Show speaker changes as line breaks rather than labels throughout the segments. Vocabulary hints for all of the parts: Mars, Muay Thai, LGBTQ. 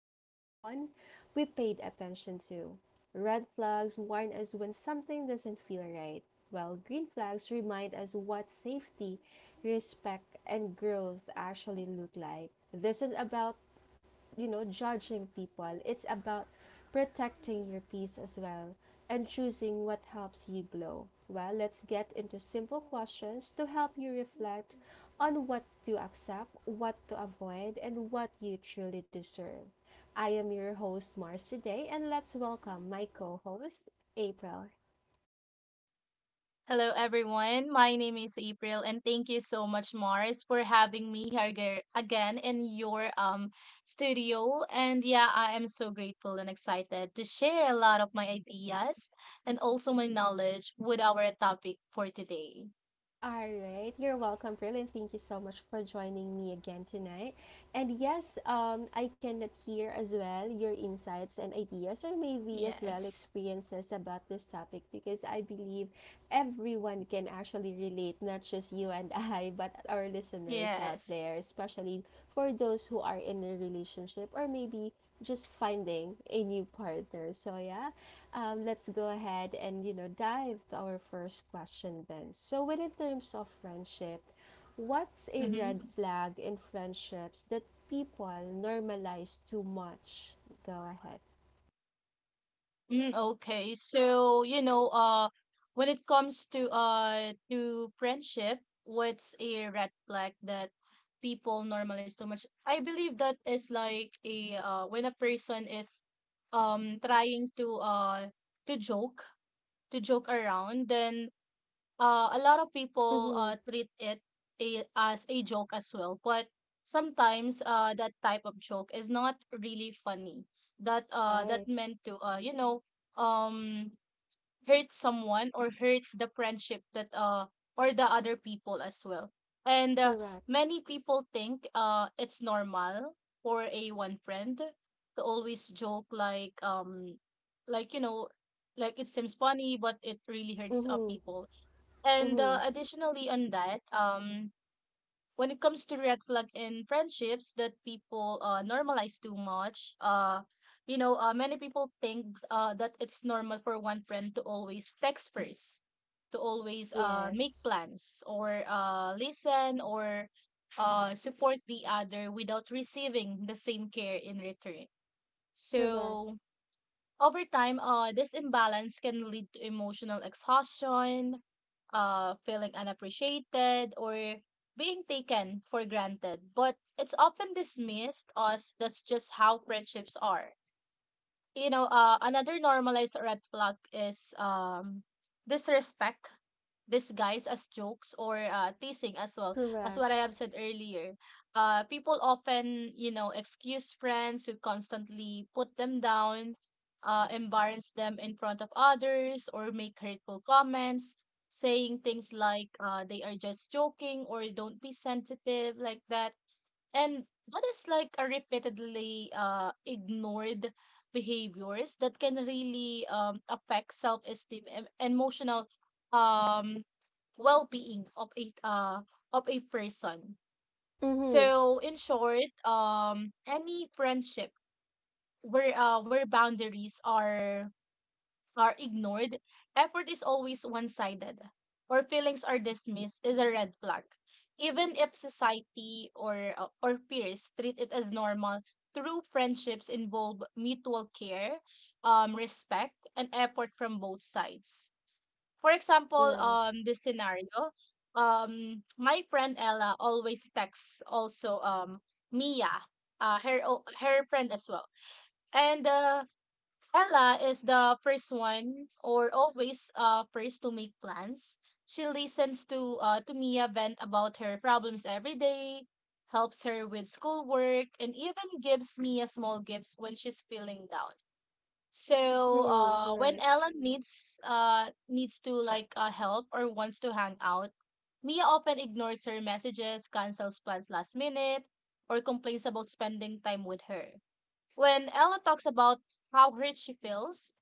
but later on, we paid attention to. Red flags warn us when something doesn't feel right, while green flags remind us what safety, respect, and growth actually look like. This is about judging people. It's about protecting your peace as well and choosing what helps you glow. Well, let's get into simple questions to help you reflect on what to accept, what to avoid, and what you truly deserve. I am your host, Mars, today, and let's welcome my co host, April.
Hello, everyone. My name is April, and thank you so much, Mars, for having me here again in your studio. And yeah, I am so grateful and excited to share a lot of my ideas and also my knowledge with our topic for today.
All right, you're welcome, Pearl, and thank you so much for joining me again tonight. And yes, I cannot hear as well your insights and ideas, or maybe as well
Yes,
experiences about this topic, because I believe everyone can actually relate, not just you and I, but our listeners out
yes.
there, especially for those who are in a relationship or maybe just finding a new partner. So yeah, let's go ahead and dive to our first question then. So when in terms of friendship, what's a red
Mm-hmm.
flag in friendships that people normalize too much? Go ahead.
Okay. So, when it comes to friendship, what's a red flag that people normalize too much? I believe that is like a when a person is trying to to joke, to joke around, then a lot of people
Mm-hmm.
treat it as a joke as well, but sometimes that type of joke is not really funny, that that
Right.
meant to um hurt someone or hurt the friendship, that or the other people as well. And
Correct.
many people think it's normal for a one friend to always joke, like like you know like it seems funny but it really hurts
Mm-hmm.
people. And
Mm-hmm.
additionally, on that, when it comes to red flag in friendships that people normalize too much, many people think that it's normal for one friend to always text first, to always make
Yes.
plans, or listen, or support the other without receiving the same care in return.
Correct.
So over time, this imbalance can lead to emotional exhaustion, feeling unappreciated, or being taken for granted. But it's often dismissed as that's just how friendships are. Another normalized red flag is disrespect disguised as jokes or teasing as well, as what
Correct.
I have said earlier. People often excuse friends who constantly put them down, embarrass them in front of others, or make hurtful comments, saying things like they are just joking or don't be sensitive like that. And that is like a repeatedly ignored behaviors that can really affect self-esteem and emotional um well-being of a person.
Mm-hmm.
So in short, any friendship where boundaries are ignored, effort is always one-sided, or feelings are dismissed is a red flag. Even if society or or peers treat it as normal, true friendships involve mutual care, respect, and effort from both sides. For example,
Right.
this scenario, my friend Ella always texts also Mia, her friend as well, and Ella is the first one, or always first to make plans. She listens to Mia vent about her problems every day, helps her with schoolwork, and even gives Mia small gifts when she's feeling down. So
Mm-hmm.
when
Right.
Ellen needs to, like, help or wants to hang out, Mia often ignores her messages, cancels plans last minute, or complains about spending time with her. When Ella talks about how hurt she feels,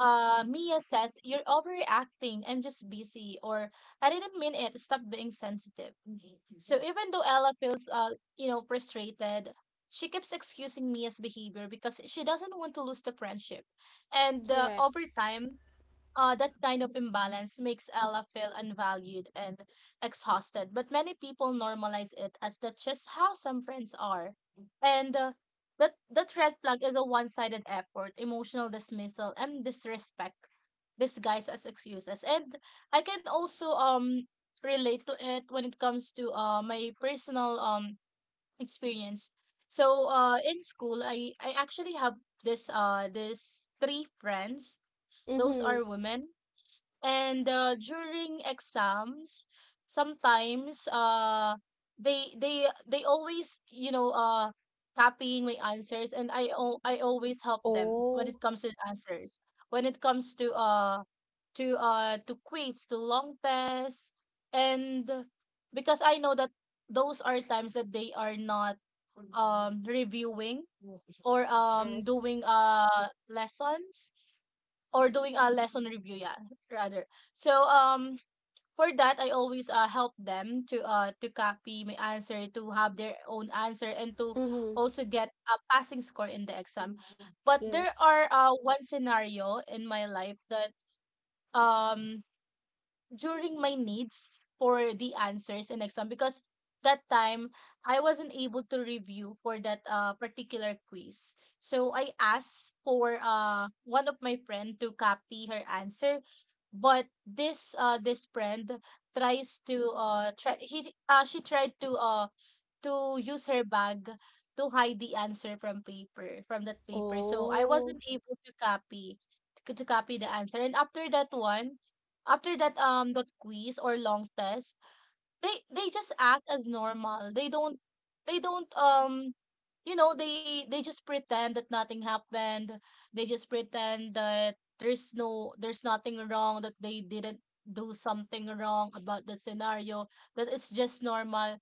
Mia says, "You're overreacting. I'm just busy." Or, "I didn't mean it. Stop being sensitive." So, even though Ella feels, frustrated, she keeps excusing Mia's behavior because she doesn't want to lose the friendship. And
Correct.
over time, that kind of imbalance makes Ella feel unvalued and exhausted, but many people normalize it as that's just how some friends are. And that red flag is a one sided effort, emotional dismissal, and disrespect disguised as excuses. And I can also relate to it when it comes to my personal experience. So in school, I actually have this three friends. Those
Mm-hmm.
are women, and during exams, sometimes they always, copying my answers, and I always help them when it
Oh.
comes to answers, when it comes to to quiz, to long test. And because I know that those are times that they are not reviewing or
Yes.
doing lessons, or doing a lesson review, yeah, rather. So for that, I always help them to copy my answer, to have their own answer, and to
Mm-hmm.
also get a passing score in the exam. But there
Yes.
are one scenario in my life that um during my needs for the answers in exam, because that time I wasn't able to review for that particular quiz. So I asked for one of my friend to copy her answer, but this friend tries to try he she tried to use her bag to hide the answer from paper from that paper, so I wasn't
Oh,
able to copy, the answer. And after that one, after that, that quiz or long test, they just act as normal. They don't, they don't um they just pretend that nothing happened. They just pretend that there's no, there's nothing wrong, that they didn't do something wrong about the scenario, that it's just normal.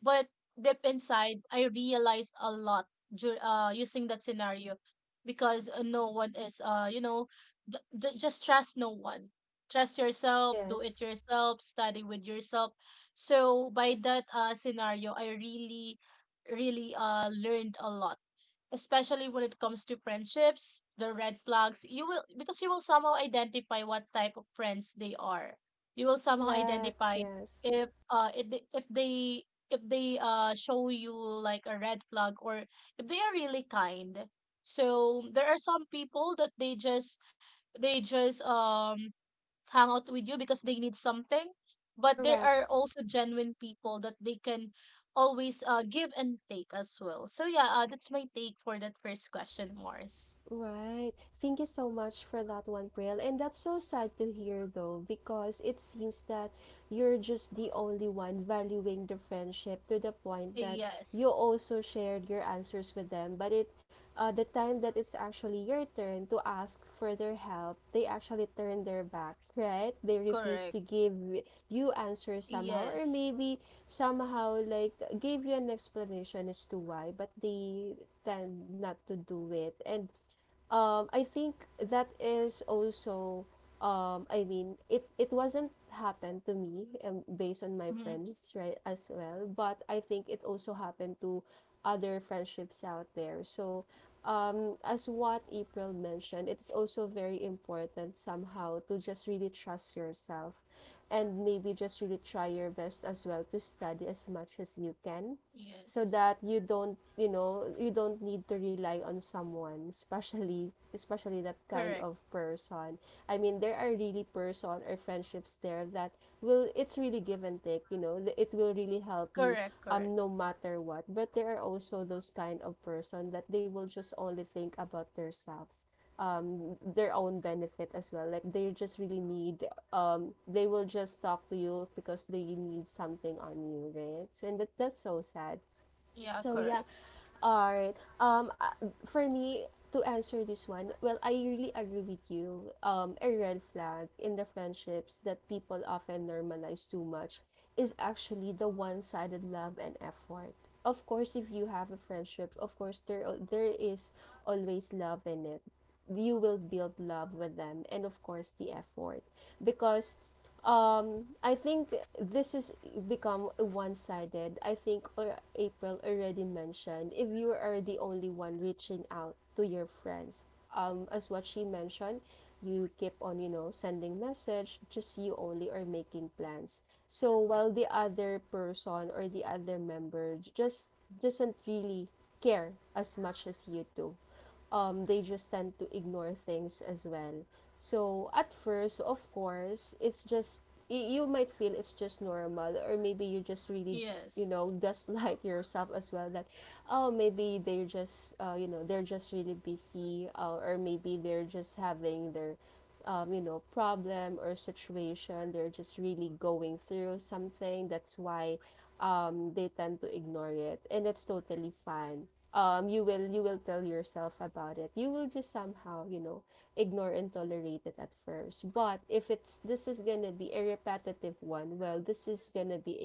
But deep inside, I realized a lot using that scenario, because no one is, just trust no one. Trust yourself, do it
yes.
yourself, study with yourself. So by that scenario, I really, really learned a lot, especially when it comes to friendships, the red flags. You will, because you will somehow identify what type of friends they are. You will somehow
Correct.
identify
Yes.
if they, if they if they show you like a red flag, or if they are really kind. So there are some people that they just, they just um hang out with you because they need something, but there
Correct.
are also genuine people that they can always give and take as well. So yeah, that's my take for that first question, Mars.
Right. Thank you so much for that one, Pril. And that's so sad to hear, though, because it seems that you're just the only one valuing the friendship to the point that
Yes.
you also shared your answers with them. But the time that it's actually your turn to ask for their help, they actually turn their back, right? They refuse
Correct.
to give you answers somehow, or
Yes.
maybe somehow like gave you an explanation as to why, but they tend not to do it. And I think that is also I mean it wasn't happened to me based on my
Mm-hmm.
friends, right, as well, but I think it also happened to other friendships out there, so as what April mentioned, it's also very important somehow to just really trust yourself, and maybe just really try your best as well to study as much as you can, so
Yes.
that you don't, you don't need to rely on someone, especially that
Correct,
kind of person. I mean there are really person or friendships there that will it's really give and take, it will really help you,
correct. Correct.
no matter what. But there are also those kind of person that they will just only think about themselves, their own benefit as well, like they just really need, they will just talk to you because they need something on you, right? So and that's so sad.
Yeah,
So
correct.
yeah, alright. For me to answer this one, well, I really agree with you. A red flag in the friendships that people often normalize too much is actually the one-sided love and effort. Of course, if you have a friendship, of course there is always love in it. You will build love with them, and of course the effort, because I think this is become one-sided. I think or April already mentioned, if you are the only one reaching out to your friends. As what she mentioned, you keep on, sending message, just you only are making plans. So while the other person or the other member just doesn't really care as much as you do they just tend to ignore things as well. So at first, of course, it's just you might feel it's just normal, or maybe you just really,
Yes.
gaslight yourself as well that, oh, maybe they're just, they're just really busy, or maybe they're just having their, problem or situation. They're just really going through something. That's why, they tend to ignore it, and that's totally fine. You will tell yourself about it. You will just somehow, ignore and tolerate it at first. But if it's this is gonna be a repetitive one, well, this is gonna be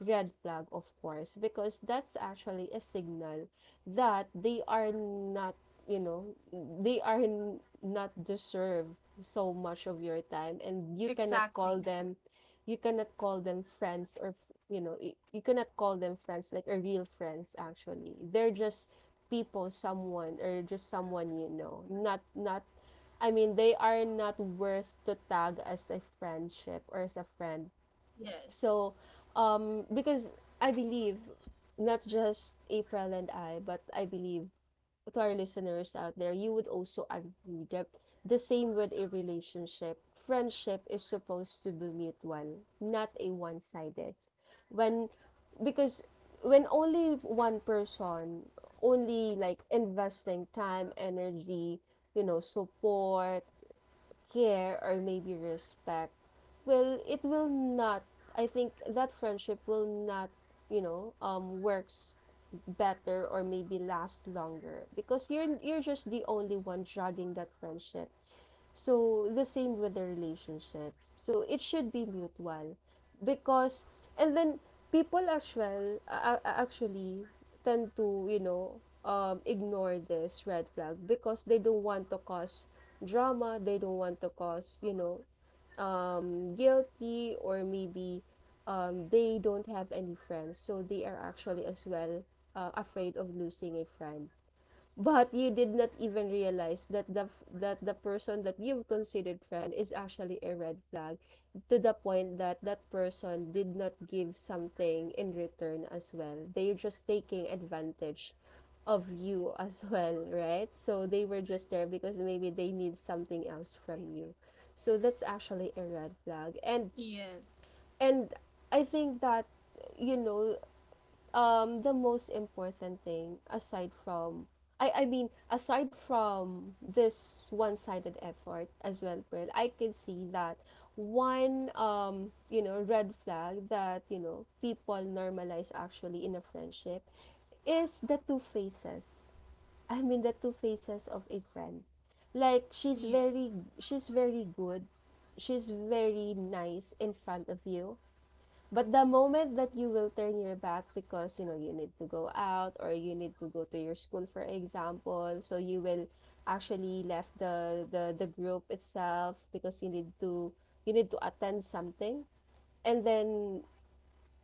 a red flag, of course, because that's actually a signal that they are not, you know not deserve so much of your time, and you cannot call
Exactly.
them you cannot call them friends or f- you know y- you cannot call them friends, like a real friends. Actually they're just people, someone, or just someone, not I mean, they are not worth to tag as a friendship or as a friend.
Yes,
So, because I believe not just April and I, but I believe to our listeners out there, you would also agree that the same with a relationship, friendship is supposed to be mutual, not a one-sided. When because when only one person only like investing time, energy, support, care, or maybe respect. Well, it will not I think that friendship will not works better or maybe last longer because you're just the only one dragging that friendship. So the same with the relationship, so it should be mutual. Because and then people as well, actually tend to ignore this red flag because they don't want to cause drama, they don't want to cause guilty, or maybe they don't have any friends, so they are actually as well afraid of losing a friend. But you did not even realize that the person that you've considered friend is actually a red flag, to the point that that person did not give something in return as well, they're just taking advantage of you as well, right? So they were just there because maybe they need something else from you. So that's actually a red flag, and
yes,
and I think that, you know the most important thing, aside from, I mean aside from this one-sided effort as well, Pearl, I can see that one red flag that people normalize actually in a friendship is the two faces. I mean the two faces of a friend. Like she's
yes,
very she's very good. She's very nice in front of you, but the moment that you will turn your back because, you need to go out, or you need to go to your school, for example, so you will actually left the group itself because you need to attend something, and then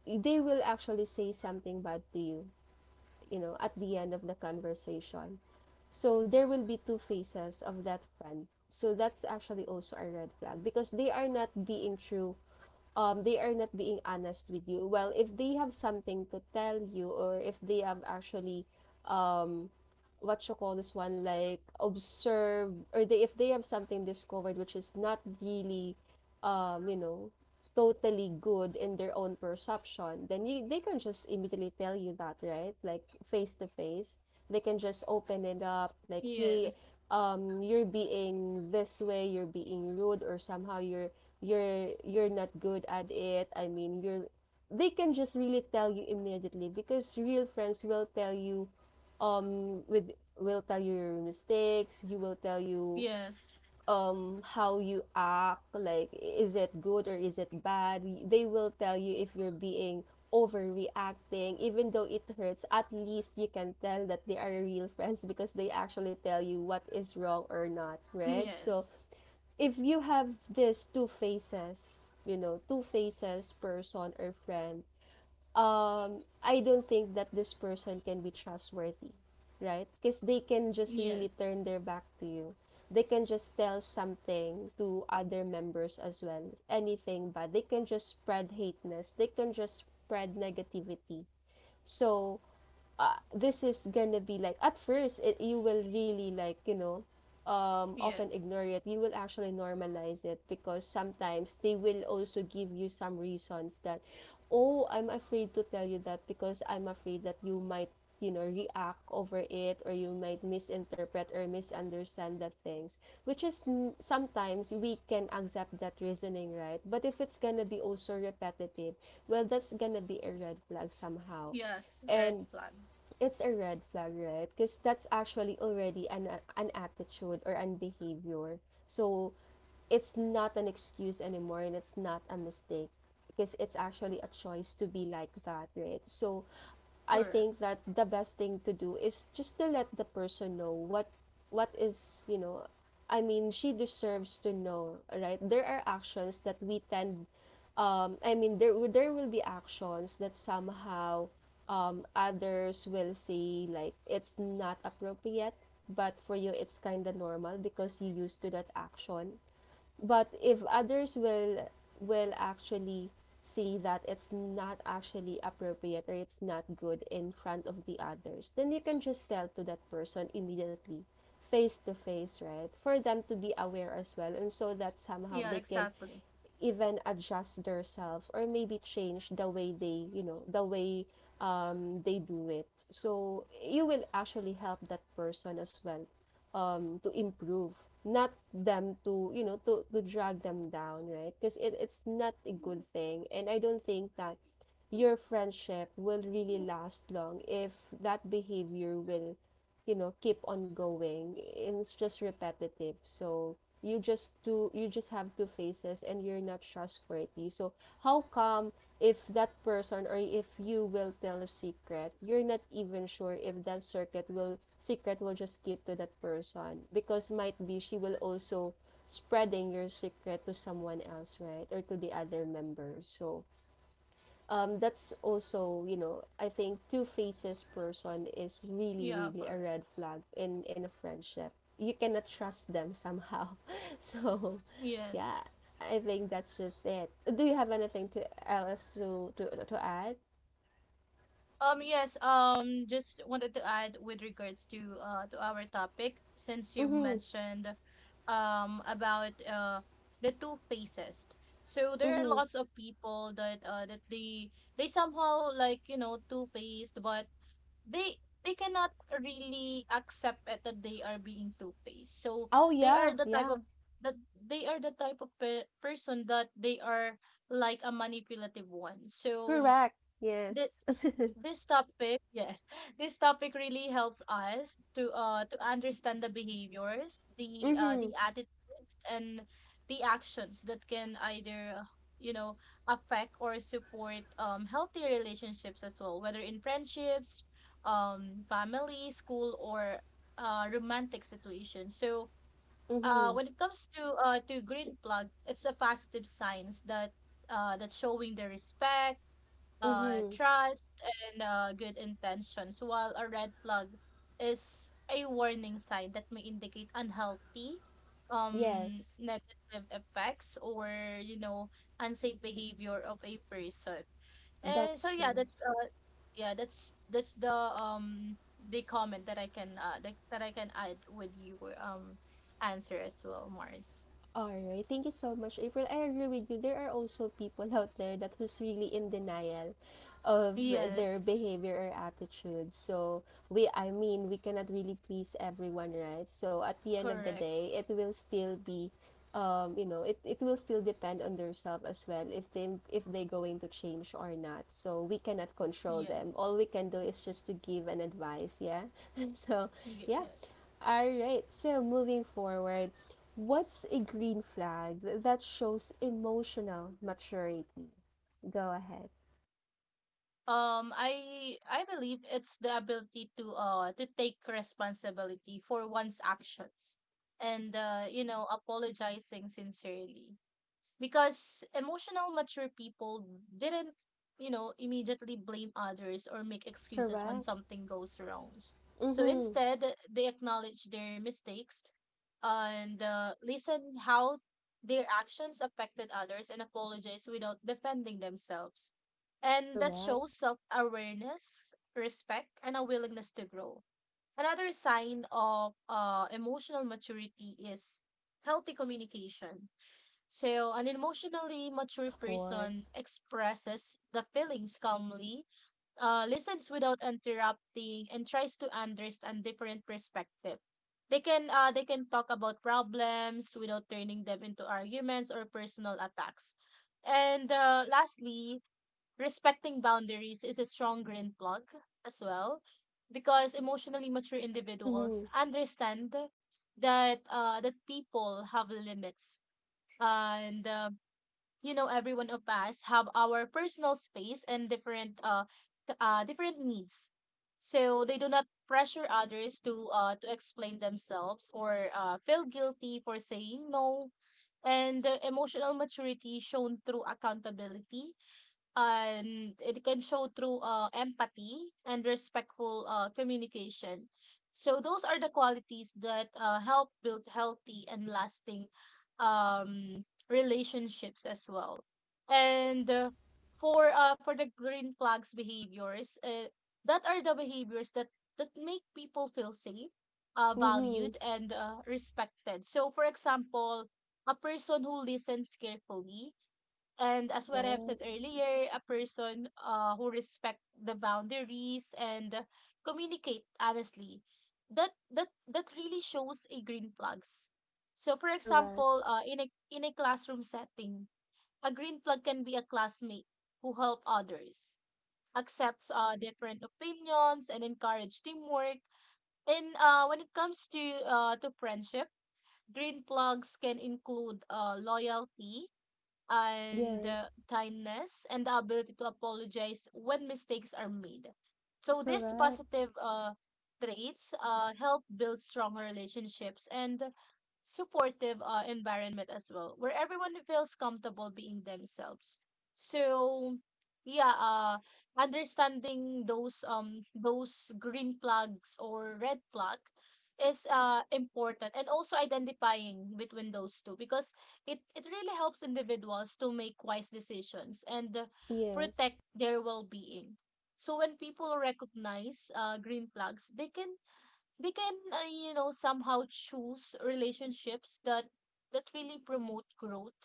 they will actually say something bad to you, at the end of the conversation. So there will be two faces of that friend. So that's actually also a red flag because they are not being true, they are not being honest with you. Well, if they have something to tell you, or if they have actually, um, what you call this one, like observe, or they if they have something discovered, which is not really, um you know totally good in their own perception, then you they can just immediately tell you that, right? Like face to face they can just open it up, like, hey,
yes,
you're being this way, you're being rude, or somehow you're, you're not good at it, I mean you're they can just really tell you immediately, because real friends will um with tell you your mistakes. You will tell you,
yes,
how you act, like is it good or is it bad. They will tell you if you're being overreacting. Even though it hurts, at least you can tell that they are real friends, because they actually tell you what is wrong or not, right? So
yes,
if you have this two faces, two faces person or friend, I don't think that this person can be trustworthy, right? Because they can just really
yes,
turn their back to you. They can just tell something to other members as well, anything bad. They can just spread hateness. They can just spread negativity. So this is gonna be like at first, it you will really like,
yes,
often ignore it. You will actually normalize it because sometimes they will also give you some reasons that, oh, I'm afraid to tell you that because I'm afraid that you might, react over it, or you might misinterpret or misunderstand that things, which is, sometimes we can accept that reasoning, right? But if it's gonna be also repetitive, well, that's gonna be a red flag somehow,
yes, red
and
flag.
it's a red flag, right? Because that's actually already an attitude, or an behavior. So it's not an excuse anymore and it's not a mistake because it's actually a choice to be like that, right? So I
Correct.
think that the best thing to do is just to let the person know what what is, you know, I mean, she deserves to know, right? There are actions that we tend I mean, there will be actions that somehow others will say like it's not appropriate, but for you it's kind of normal because you used to that action. But if others will actually see that it's not actually appropriate or it's not good in front of the others, then you can just tell to that person immediately face to face, right, for them to be aware as well and so that somehow
Yeah,
they can
exactly.
even adjust themselves or maybe change the way they, you know, the way they do it, so you will actually help that person as well to improve, not them to, you know, to drag them down, right? Because it's not a good thing and I don't think that your friendship will really last long if that behavior will, you know, keep on going. It's just repetitive. So you just do you just have two faces and you're not trustworthy. So how come, if that person or if you will tell a secret, you're not even sure if that circuit will secret will just keep to that person because might be she will also spreading your secret to someone else, right, or to the other members. So that's also, you know, I think two faces person is really
Yeah,
really a
correct.
red flag in a friendship. You cannot trust them somehow. So yeah,
Yes.
I think that's just it. Do you have anything to else to add
Yes, just wanted to add with regards to our topic, since you mentioned about the two faces. So there are lots of people that they somehow, like, you know, two-faced, but they they cannot really accept it that they are being two-faced. So
oh,
they
yeah,
are the type
yeah.
of that they are the type of person that they are like a manipulative one. So
Correct.
the
Yes.
this topic, yes, this topic really helps us to understand the behaviors,
Mm-hmm.
the attitudes, and the actions that can either you know affect or support healthy relationships as well, whether in friendships, family, school, or romantic situations. So
Mm-hmm.
when it comes to green plug, it's a positive signs that that showing the respect,
Mm-hmm.
trust, and good intentions. While a red plug is a warning sign that may indicate unhealthy,
Yes.
negative effects, or you know unsafe behavior of a person. And so
That's
yeah,
true.
that's yeah, that's the comment that I can that I can add with your answer as well, Mars.
Alright, thank you so much, April. I agree with you. There are also people out there that who's really in denial of their
Yes,
behavior or attitude. So we, I mean, we cannot really please everyone, right? So at the end of the
correct.
day, it will still be, it will still depend on themselves as well if they if they're going to change or not. So we cannot control them.
Yes.
All we can do is just to give an advice, yeah. So yeah.
Yes.
All right. So moving forward, what's a green flag that shows emotional maturity? Go ahead.
I believe it's the ability to take responsibility for one's actions, and apologizing sincerely, because emotional mature people didn't, immediately blame others or make excuses when
Correct.
something goes wrong. So
Mm-hmm.
instead, they acknowledge their mistakes and listen how their actions affected others, and apologize without defending themselves. And that
Correct.
shows self-awareness, respect, and a willingness to grow. Another sign of emotional maturity is healthy communication. So an emotionally mature
Of
person
course.
expresses the feelings calmly, listens without interrupting, and tries to understand different perspective. They can talk about problems without turning them into arguments or personal attacks. And lastly, respecting boundaries is a strong green plug as well, because emotionally mature individuals
Mm-hmm.
understand that that people have limits, and everyone of us have our personal space and different different needs, so they do not pressure others to explain themselves or feel guilty for saying no. And the emotional maturity shown through accountability, and it can show through empathy and respectful communication. So those are the qualities that help build healthy and lasting relationships as well. And for the green flags behaviors, that are the behaviors that make people feel safe,
Mm-hmm.
valued, and respected. So, for example, a person who listens carefully, and as what I have said
Yes.
earlier, a person who respect the boundaries and communicate honestly. That really shows a green plugs. So for
Correct.
example, in a classroom setting, a green plug can be a classmate who help others, accepts different opinions and encourage teamwork. And when it comes to to friendship, green plugs can include loyalty, and
Yes.
kindness and the ability to apologize when mistakes are made. So these
Correct.
positive traits help build stronger relationships and supportive environment as well, where everyone feels comfortable being themselves. So yeah, understanding those green flags or red flag is important, and also identifying between those two, because it really helps individuals to make wise decisions and
Yes.
protect their well-being. So when people recognize green flags, they can somehow choose relationships that really promote growth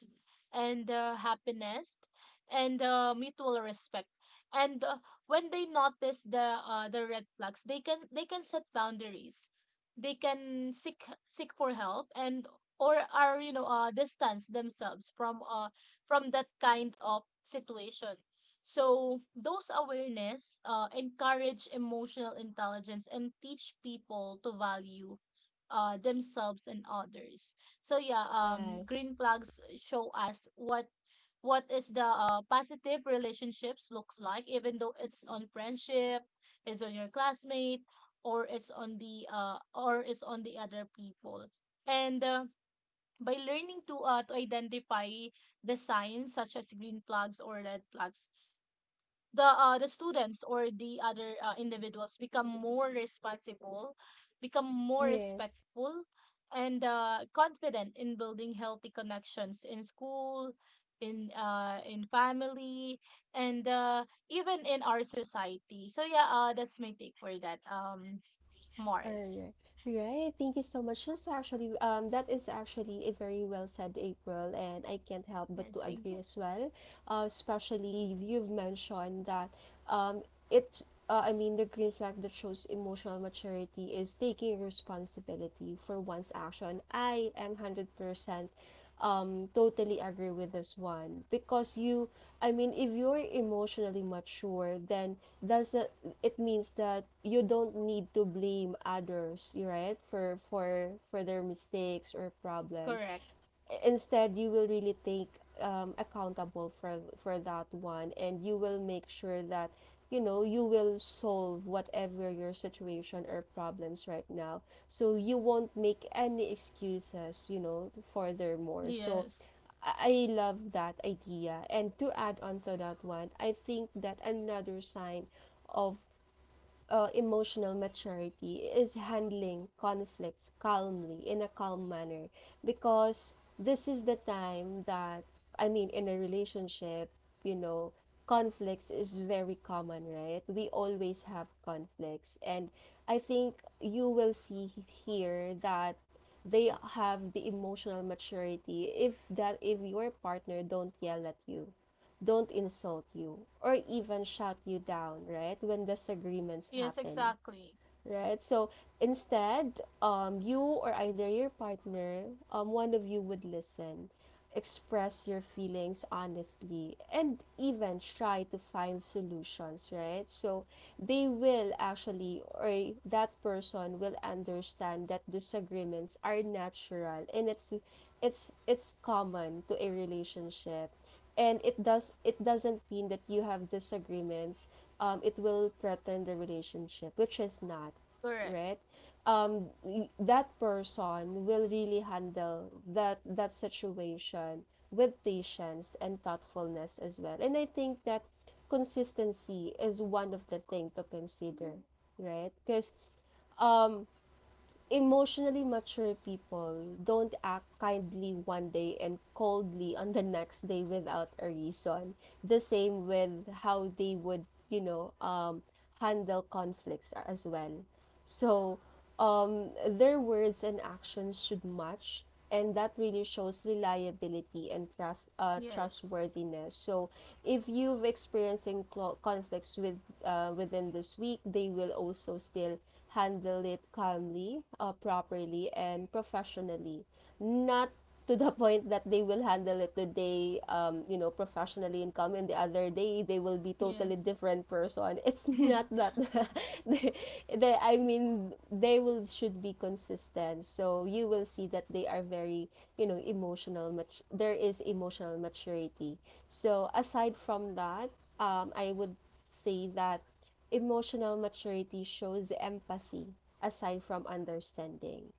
and happiness and mutual respect. And When they notice the red flags, they can set boundaries, they can seek for help, and or are you know distance themselves from that kind of situation. So those awareness encourage emotional intelligence and teach people to value themselves and others. So yeah,
Right.
green flags show us what is the positive relationships looks like, even though it's on friendship, it's on your classmate, or it's on the other people. And by learning to to identify the signs such as green flags or red flags, the students or the other individuals become more responsible, become more
Yes.
respectful, and confident in building healthy connections in school, in family, and even in our society. So yeah, that's my take for that,
All
Mars.
right. All right. Thank you so much. That's actually that is actually a very well said, April, and I can't help but to
Yes, thank you.
agree as well. Especially you've mentioned that um it's I mean the green flag that shows emotional maturity is taking responsibility for one's action. I am 100% totally agree with this one because you, I mean, if you're emotionally mature, then does that it means that you don't need to blame others, right, for their mistakes or problems.
Correct.
Instead you will really take accountable for that one and you will make sure that, you know, you will solve whatever your situation or problems right now, so you won't make any excuses, you know, furthermore. So
Yes.
I love that idea. And to add on to that one, I think that another sign of emotional maturity is handling conflicts calmly, in a calm manner, because this is the time that, I mean, in a relationship, you know, conflicts is very common, right? We always have conflicts and I think you will see here that they have the emotional maturity if that, if your partner don't yell at you, don't insult you, or even shut you down, right? When disagreements
Yes,
happen,
exactly.
right? So instead, you or either your partner, one of you would listen, express your feelings honestly, and even try to find solutions, right? So they will actually, or that person will understand that disagreements are natural and it's common to a relationship, and it does it doesn't mean that you have disagreements, it will threaten the relationship, which is not,
Correct.
right? That person will really handle that situation with patience and thoughtfulness as well. And I think that consistency is one of the thing to consider, right? Because um emotionally mature people don't act kindly one day and coldly on the next day without a reason. The same with how they would, you know, handle conflicts as well. So their words and actions should match and that really shows reliability and trust,
Yes.
trustworthiness. So if you've experiencing conflicts with, within this week, they will also still handle it calmly, properly and professionally, not to the point that they will handle it today, you know, professionally, and come in the other day they will be totally
Yes.
different person. It's not that. they, they, I mean they will should be consistent, so you will see that they are very, you know, emotional, much there is emotional maturity. So aside from that, I would say that emotional maturity shows empathy aside from understanding,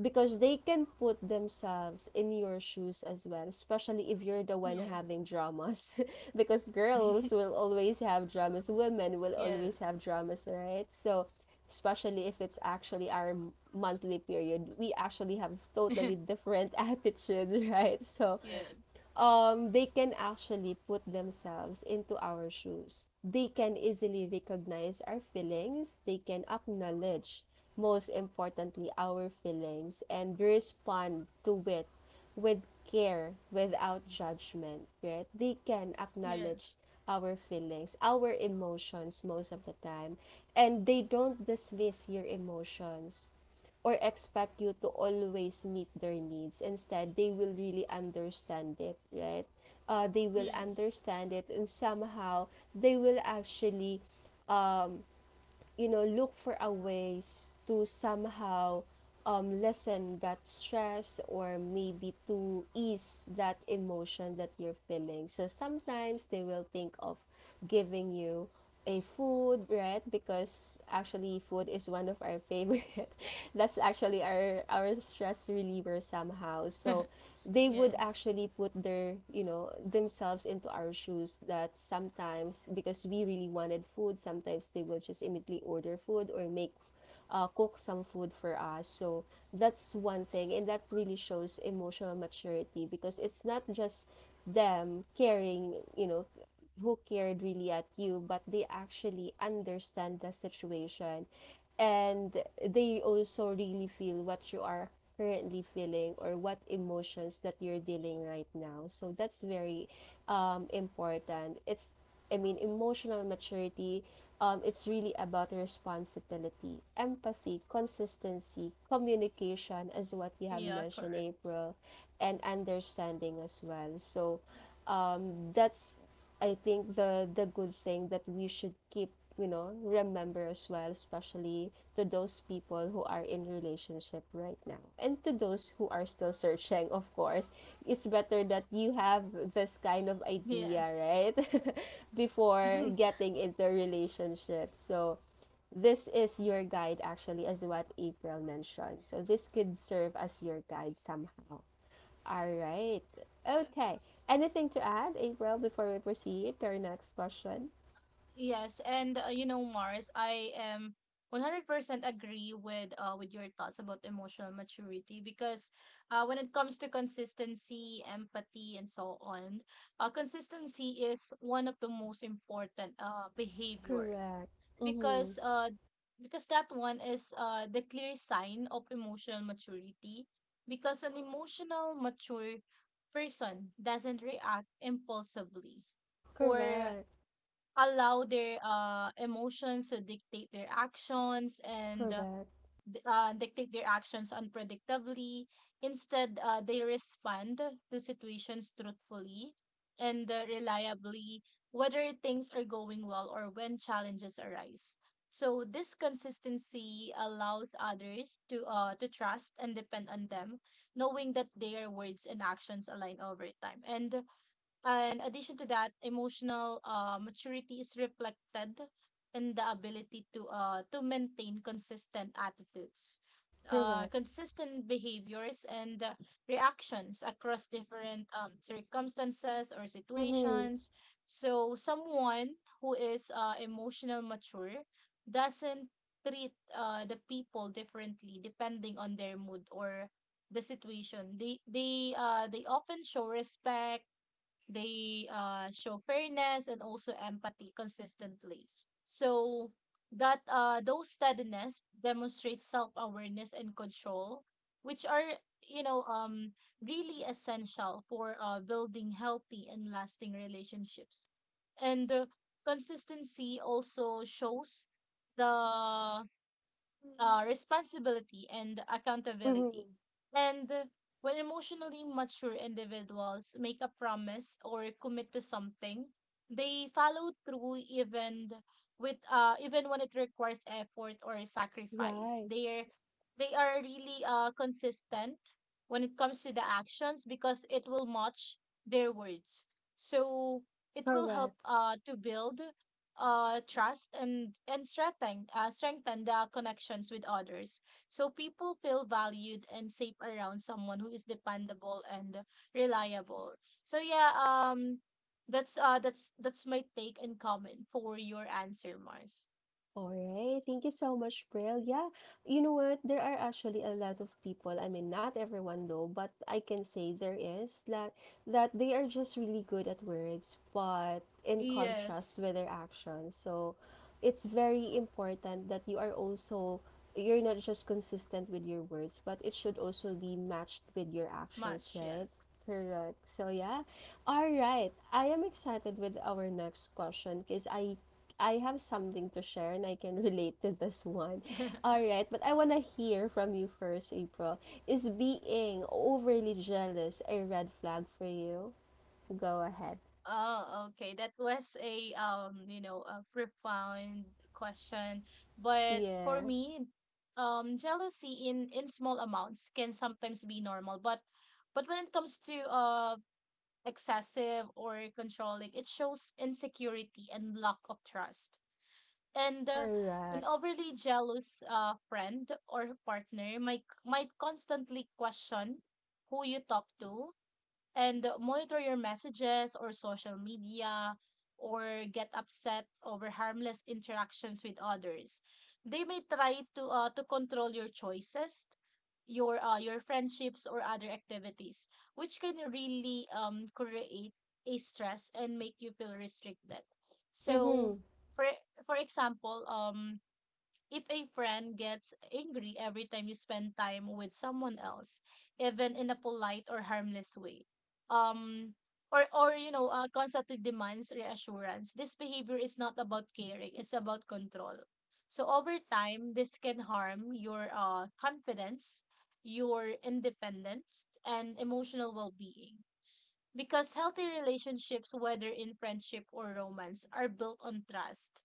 because they can put themselves in your shoes as well, especially if you're the one
Yes.
having dramas because girls will always have dramas, women will always
Yes.
have dramas, right? So especially if it's actually our monthly period, we actually have totally different attitudes, right? So
Yes.
they can actually put themselves into our shoes. They can easily recognize our feelings. They can acknowledge, most importantly, our feelings and respond to it with care, without judgment, right? They can
Yes.
acknowledge our feelings, our emotions most of the time, and they don't dismiss your emotions or expect you to always meet their needs. Instead, they will really understand it, right? They will
Yes.
understand it and somehow they will actually, you know, look for a ways to somehow lessen that stress or maybe to ease that emotion that you're feeling. So sometimes they will think of giving you a food, right? Because actually food is one of our favorite that's actually our stress reliever somehow. So they would
Yes.
actually put their, you know, themselves into our shoes that sometimes, because we really wanted food, sometimes they will just immediately directly order food or make cook some food for us. So that's one thing and that really shows emotional maturity because it's not just them caring, you know, who cared really at you, but they actually understand the situation, and they also really feel what you are currently feeling or what emotions that you're dealing right now. So that's very important. It's, I mean, emotional maturity, it's really about responsibility, empathy, consistency, communication, as what you have
Yeah,
mentioned,
correct.
April, and understanding as well. So, that's, I think, the good thing that we should keep, you know, remember as well, especially to those people who are in relationship right now and to those who are still searching. Of course it's better that you have this kind of idea,
Yes.
right? Before
Mhm.
getting into a relationship. So this is your guide actually, as what April mentioned, so this could serve as your guide somehow. All right. Okay.
Yes.
Anything to add, April, before we proceed to our next question?
Yes, and Mars, I am 100% agree with with your thoughts about emotional maturity, because when it comes to consistency, empathy, and so on, consistency is one of the most important behavior,
Correct. Mm-hmm.
because uh because that one is the clear sign of emotional maturity, because an emotional mature person doesn't react impulsively, or
Correct.
allow their emotions to dictate their actions
Correct.
unpredictably. Instead, they respond to situations truthfully and reliably, whether things are going well or when challenges arise. So this consistency allows others to to trust and depend on them, knowing that their words and actions align over time. And addition to that, emotional maturity is reflected in the ability to to maintain consistent attitudes,
Correct.
consistent behaviors and reactions across different circumstances or
Mm-hmm.
situations. So someone who is emotional mature doesn't treat the people differently depending on their mood or the situation. They often show respect, they show fairness and also empathy consistently. So that those steadiness demonstrate self-awareness and control, which are you know um really essential for building healthy and lasting relationships. And consistency also shows the responsibility and accountability.
Mm-hmm.
And when emotionally mature individuals make a promise or commit to something, they follow through even when it requires effort or sacrifice.
Right.
They are really consistent when it comes to the actions, because it will match their words. So it will help
Correct.
to build trust and strengthen the connections with others, so people feel valued and safe around someone who is dependable and reliable. So yeah, that's my take and comment for your answer, Mars.
All right. Thank you so much, Brill. Yeah. You know what? There are actually a lot of people. I mean, not everyone though, but I can say there is that they are just really good at words, but in contrast
Yes,
with their actions. So it's very important that you are also, you're not just consistent with your words, but it should also be matched with your actions,
much.
right?
Yes.
Correct. So yeah. All right. I am excited with our next question because I have something to share and I can relate to this one. All right, but I want to hear from you first, April. Is being overly jealous a red flag for you? Go ahead.
Oh, okay. That was a profound question. But for
Yeah.
me, jealousy in small amounts can sometimes be normal, but when it comes to excessive or controlling, it shows insecurity and lack of trust. And an
Correct.
overly jealous friend or partner might constantly question who you talk to, and monitor your messages or social media, or get upset over harmless interactions with others. They may try to to control your choices, your friendships or other activities, which can really create a stress and make you feel restricted. So
Mhm.
for for example, if a friend gets angry every time you spend time with someone else, even in a polite or harmless way, um, or constantly demands reassurance, this behavior is not about caring; it's about control. So over time, this can harm your confidence, your independence, and emotional well-being. Because healthy relationships, whether in friendship or romance, are built on trust,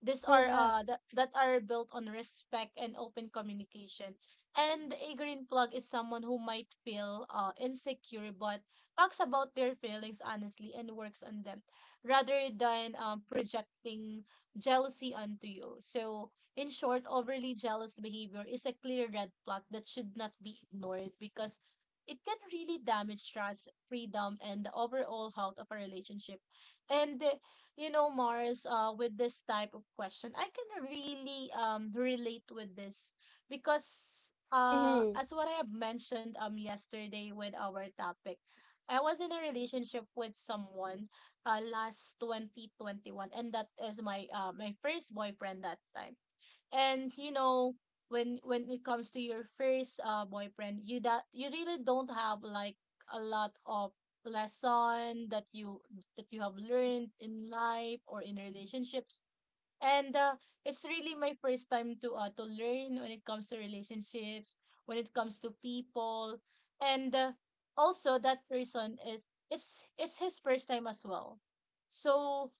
these are
Correct.
that, that are built on respect and open communication. And a green plug is someone who might feel insecure, but talks about their feelings honestly and works on them rather than projecting jealousy onto you. So in short, overly jealous behavior is a clear red flag that should not be ignored, because it can really damage trust, freedom, and the overall health of a relationship. And you know, Mars, with this type of question, I can really relate with this, because
Mhm.
as what I have mentioned yesterday with our topic, I was in a relationship with someone last 2021, and that is my first boyfriend that time. And you know, when it comes to your first boyfriend, you that you really don't have like a lot of lesson that you have learned in life or in relationships, and it's really my first time to to learn when it comes to relationships, when it comes to people, and also that person is it's his first time as well. So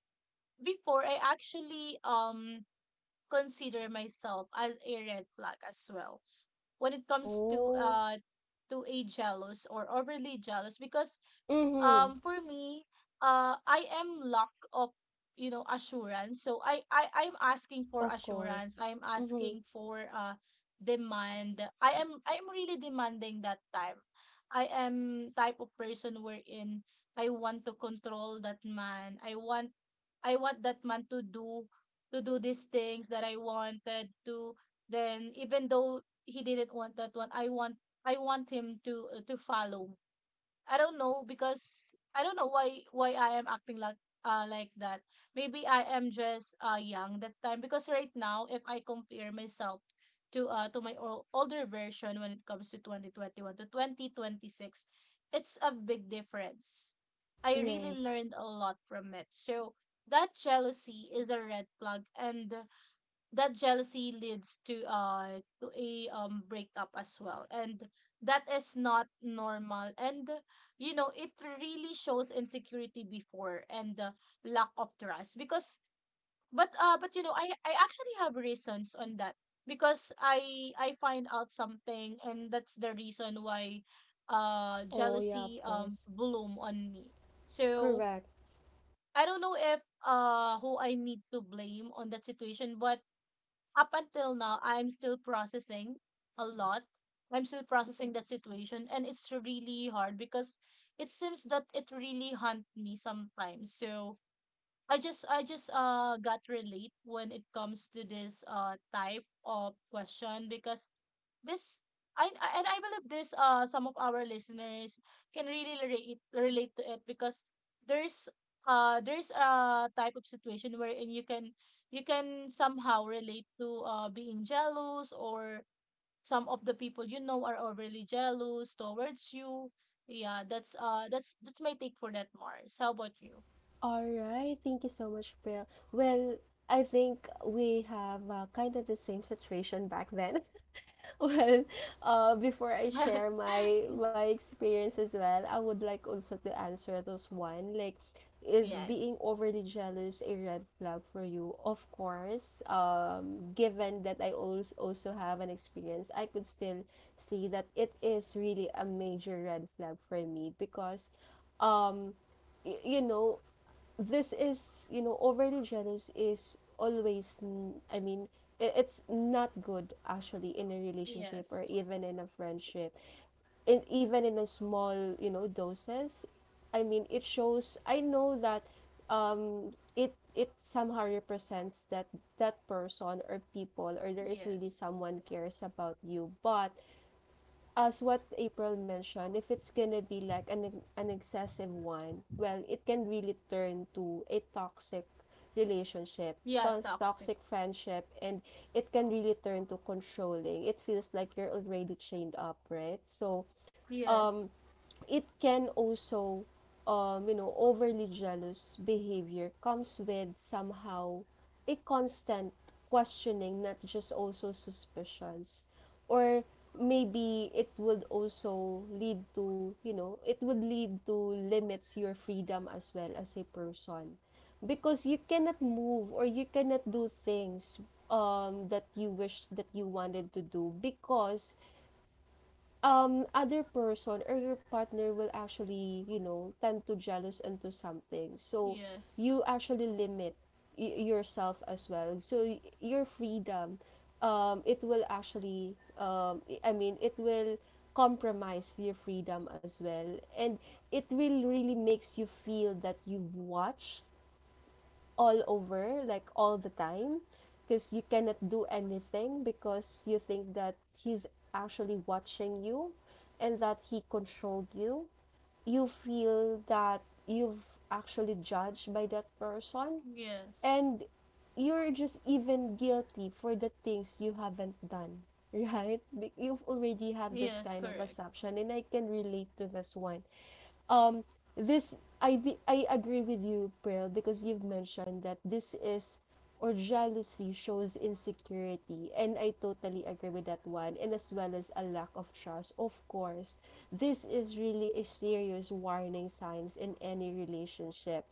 before I actually consider myself as a red flag as well when it comes to
Oh.
to a jealous or overly jealous, because
Mhm.
for me, I am lack of assurance. So I'm asking for
Of
assurance,
course.
I'm
Mhm.
asking for demand, I'm really demanding that time. I am type of person wherein I want to control that man, I want that man to do these things that I wanted to, then even though he didn't want that one, I want him to to follow. I don't know, because I don't know why I am acting like like that. Maybe I am just young that time, because right now if I compare myself to to my older version when it comes to 2021 to 2026, it's a big difference. I really
Right.
learned a lot from it. So that jealousy is a red flag, and that jealousy leads to to a breakup as well, and that is not normal. And it really shows insecurity before, and lack of trust. Because but you know I actually have reasons on that, because I find out something, and that's the reason why
Oh yeah, of
jealousy
course.
bloom on me. So
Correct.
I don't know if who I need to blame on that situation, but up until now, I'm still processing a lot. I'm still processing that situation, and it's really hard because it seems that it really haunt me sometimes. So I just got relate when it comes to this type of question, because this and I believe this some of our listeners can really relate to it, because there's there's a type of situation wherein you can somehow relate to being jealous, or some of the people you know are overly jealous towards you. Yeah, that's my take for that, Mars. How about you?
All right. Thank you so much, April. Well, I think we have kind of the same situation back then. Well, before I share my my experience as well, I would like also to answer this one. Like, is
Yes.
being overly jealous a red flag for you? Of course. Given that I also have an experience, I could still see that it is really a major red flag for me because, um, y- you know, this is overly jealous is always, I mean, it's not good actually in a relationship or
Yes.
even in a friendship, in even in a small doses. I mean it shows, I know that, it somehow represents that person or people, or there is really
Yes.
someone cares about you. But as what April mentioned, if it's gonna be like an excessive one, well, it can really turn to a toxic relationship,
Yeah, toxic.
toxic friendship, and it can really turn to controlling. It feels like you're already chained up, right? So, um,
Yes.
it can also, overly jealous behavior comes with somehow a constant questioning, not just also suspicions, or maybe it would also lead to, it would lead to limits your freedom as well as a person, because you cannot move or you cannot do things that you wish that you wanted to do, because other person or your partner will actually, tend to jealous into something. So
Yes.
you actually limit yourself as well, so your freedom, it will actually, I mean it will compromise your freedom as well. And it will really makes you feel that you've watched all over, like all the time, because you cannot do anything because you think that he's actually watching you and that he controlled you. You feel that you've actually judged by that person,
Yes.
and you're just even guilty for the things you haven't done, right? You've already have this
Yes,
kind of
correct.
assumption, and I can relate to this one. um I agree with you, Prel, because you've mentioned that this is or jealousy shows insecurity, and I totally agree with that one, and as well as a lack of trust. Of course, this is really a serious warning signs in any relationship,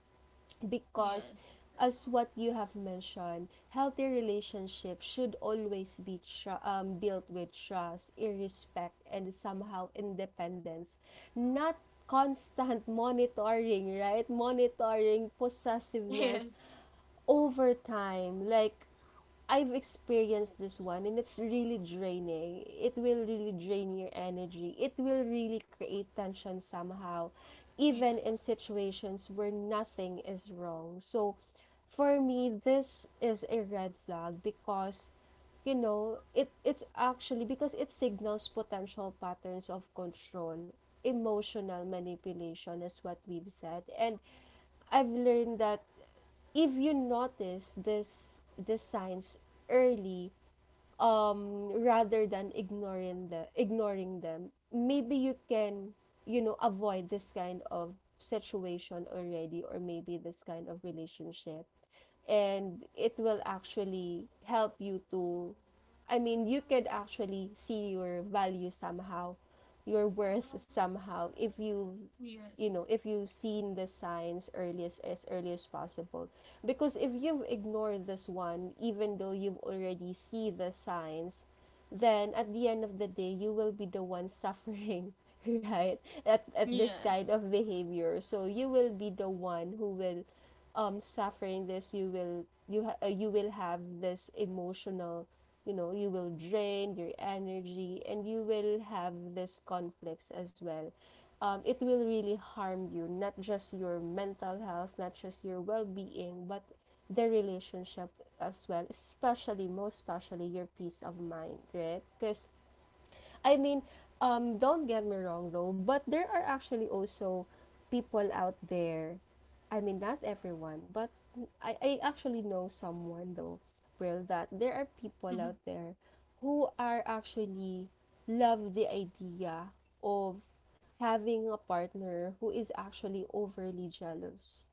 because
Yes.
as what you have mentioned, healthy relationships should always be built with trust, respect, and somehow independence, not constant monitoring, right? Monitoring, possessiveness
Yes.
over time. Like, I've experienced this one and it's really draining. It will really drain your energy. It will really create tension somehow, even in
Yes.
situations where nothing is wrong. So, for me, this is a red flag because, you know, it's actually, because it signals potential patterns of control, emotional manipulation is what we've said. And I've learned that if you notice this signs early, rather than ignoring them, maybe you can, you know, avoid this kind of situation already, or maybe this kind of relationship. And it will actually help you to, I mean, you could actually see your value somehow, your worth somehow, if you, you know,
Yes.
if you've seen the signs earliest, as early as possible. Because if you've ignored this one, even though you've already see the signs, then at the end of the day you will be the one suffering, right? At this kind
Yes.
of behavior. So you will be the one who will, suffering this. You will, you will have this emotional, you know, you will drain your energy, and you will have this conflicts as well. It will really harm you, not just your mental health, not just your well being, but the relationship as well, especially, most especially, your peace of mind, right? Because, I mean, don't get me wrong though, but there are actually also people out there. I mean, not everyone, but I actually know someone though, real that there are people
Mhm.
out there who are actually love the idea of having a partner who is actually overly jealous.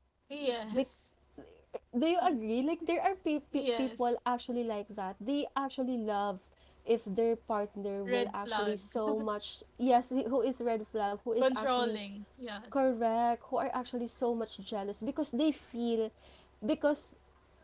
Because,
Yes.
do you agree? Like, there are
Yes.
people actually like that. They actually love if their partner will
Red
actually
flag.
so much, yes, who is red flag, who is actually
Controlling. Yes.
correct, who are actually so much jealous, because they feel, because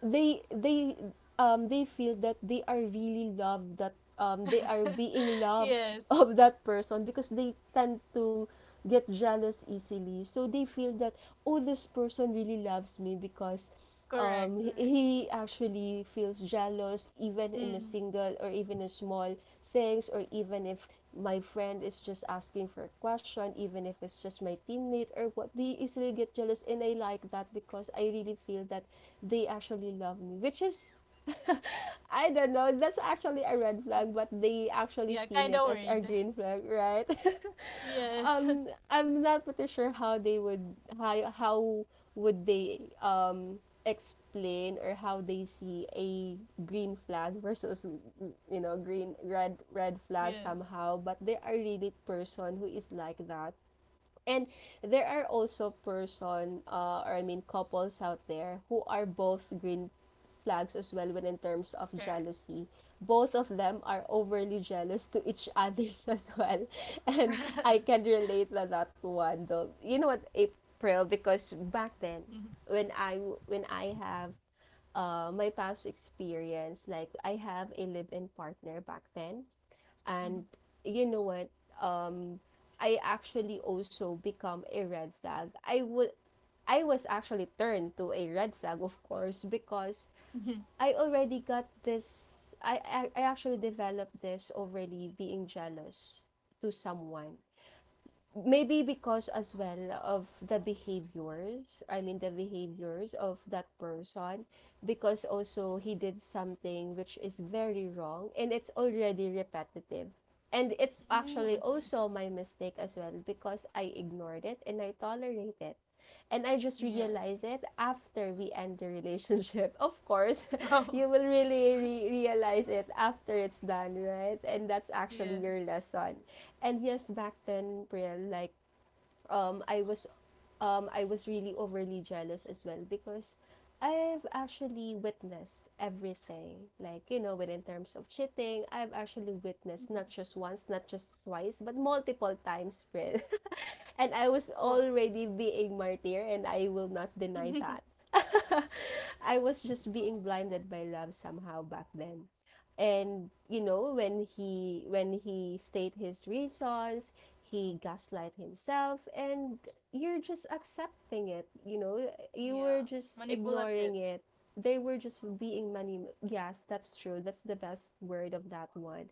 they they they feel that they are really loved, that they are being loved
Yes.
of that person, because they tend to get jealous easily. So they feel that, oh, this person really loves me because,
Correct.
um, he,
Correct.
he actually feels jealous even in a
Mm.
single or even a small things, or even if my friend is just asking for a question, even if it's just my teammate or what, they easily get jealous. And I like that, because I really feel that they actually love me, which is I don't know. That's actually a red flag, but they actually
Yeah,
seen
kind
it
of
as a
worried.
green flag, right?
Yes.
I'm not pretty sure how they would, how would they explain or how they see a green flag versus, you know, green red red flag
Yes.
somehow, but they are really person who is like that. And there are also person or I mean couples out there who are both green flags as well when in terms of
Correct.
jealousy. Both of them are overly jealous to each others as well. And I can relate to that one though. You know what, April, because back then,
Mhm.
when I, when I have my past experience, like I have a live-in partner back then, and
Mhm.
you know what? Um, I actually also become a red flag. I would, I was actually turned to a red flag, of course, because
Mhm.
I already got this. I actually developed this already, being jealous to someone. Maybe because as well of the behaviors, I mean, the behaviors of that person, because also he did something which is very wrong, and it's already repetitive. And it's
Mm,
actually
okay.
also my mistake as well, because I ignored it and I tolerated it. And I just
Yes.
realized it after we end the relationship. Of course,
Oh,
you will really realize it after it's done, right? And that's actually your
yes.
lesson. And yes, back then, Pril, like, um I was I was really overly jealous as well, because I've actually witnessed everything. Like, you know, when in terms of cheating, I've actually witnessed not
Yes.
just once, not just twice, but multiple times, friend. And I was
Oh.
already being martyr, and I will not deny that. I was just being blinded by love somehow back then. And you know, when he, state his reasons, he gaslight himself, and you're just accepting it. You know, you
Yeah.
were just
Manipulative.
ignoring it. They were just being many. Yes, that's true. That's the best word of that one.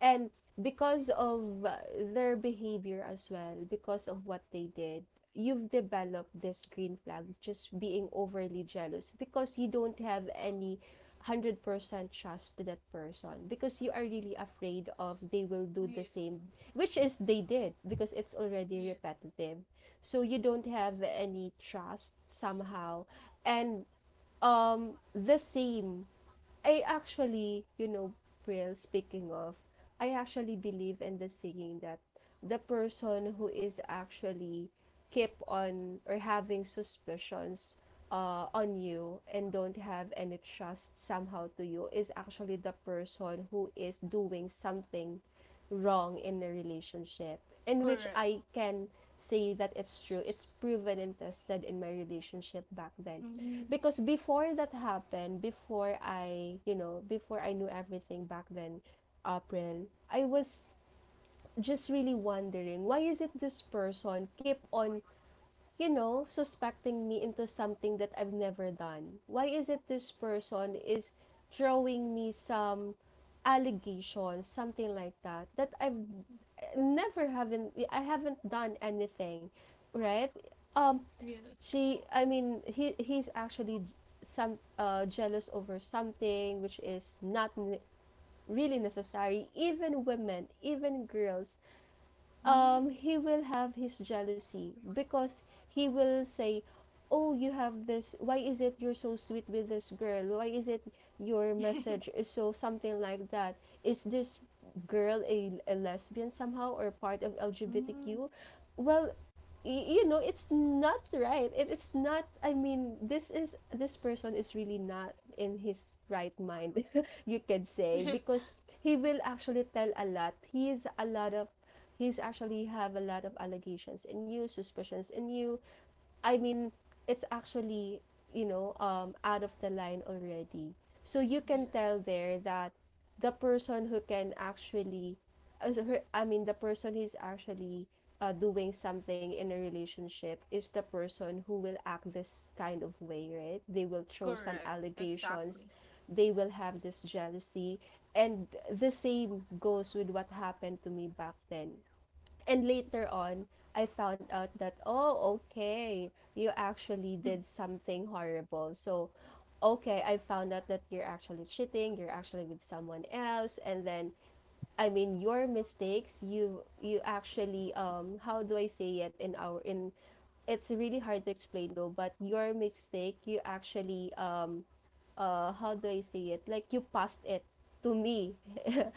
And because of, their behavior as well, because of what they did, you've developed this green flag, just being overly jealous, because you don't have any 100% trust to that person, because you are really afraid of they will do the
Yes,
same, which is they did, because it's already
yes,
repetitive. So you don't have any trust somehow. And the same I actually, you know, well, speaking of, I actually believe in the saying that the person who is actually keep on or having suspicions on you and don't have any trust somehow to you is actually the person who is doing something wrong in a relationship, in which
correct.
I can say that it's true. It's proven and tested in my relationship back then.
Mm-hmm.
Because before that happened, before I, you know, before I knew everything back then, April, I was just really wondering, why is it this person keep on, you know, suspecting me into something that I've never done? Why is it this person is throwing me some allegations, something like that, that I've never haven't I haven't done anything, right? Um,
Yes.
she, I mean, he he's actually some jealous over something which is not really necessary. Even women, even girls,
Mm.
he will have his jealousy, because he will say, oh, you have this. Why is it you're so sweet with this girl? Why is it your message is so something like that? Is this girl a lesbian somehow, or part of
Mm.
LGBTQ? Well, you know, it's not right. It's not, I mean, this is, this person is really not in his right mind, you could say, because he will actually tell a lot. He is a lot of, he's actually have a lot of allegations and you suspicions and you, I mean, it's actually, you know, out of the line already. So you can tell
Yes,
there that the person who can actually, I mean, the person who's actually doing something in a relationship is the person who will act this kind of way, right? They will throw some
correct.
allegations,
Exactly.
they will have this jealousy. And the same goes with what happened to me back then. And later on, I found out that, oh, okay, you actually did something horrible. So, okay, I found out that you're actually cheating, you're actually with someone else. And then, I mean your mistakes, you actually, how do I say it in our in it's really hard to explain though, but your mistake, you actually, how do I say it? Like you passed it to me.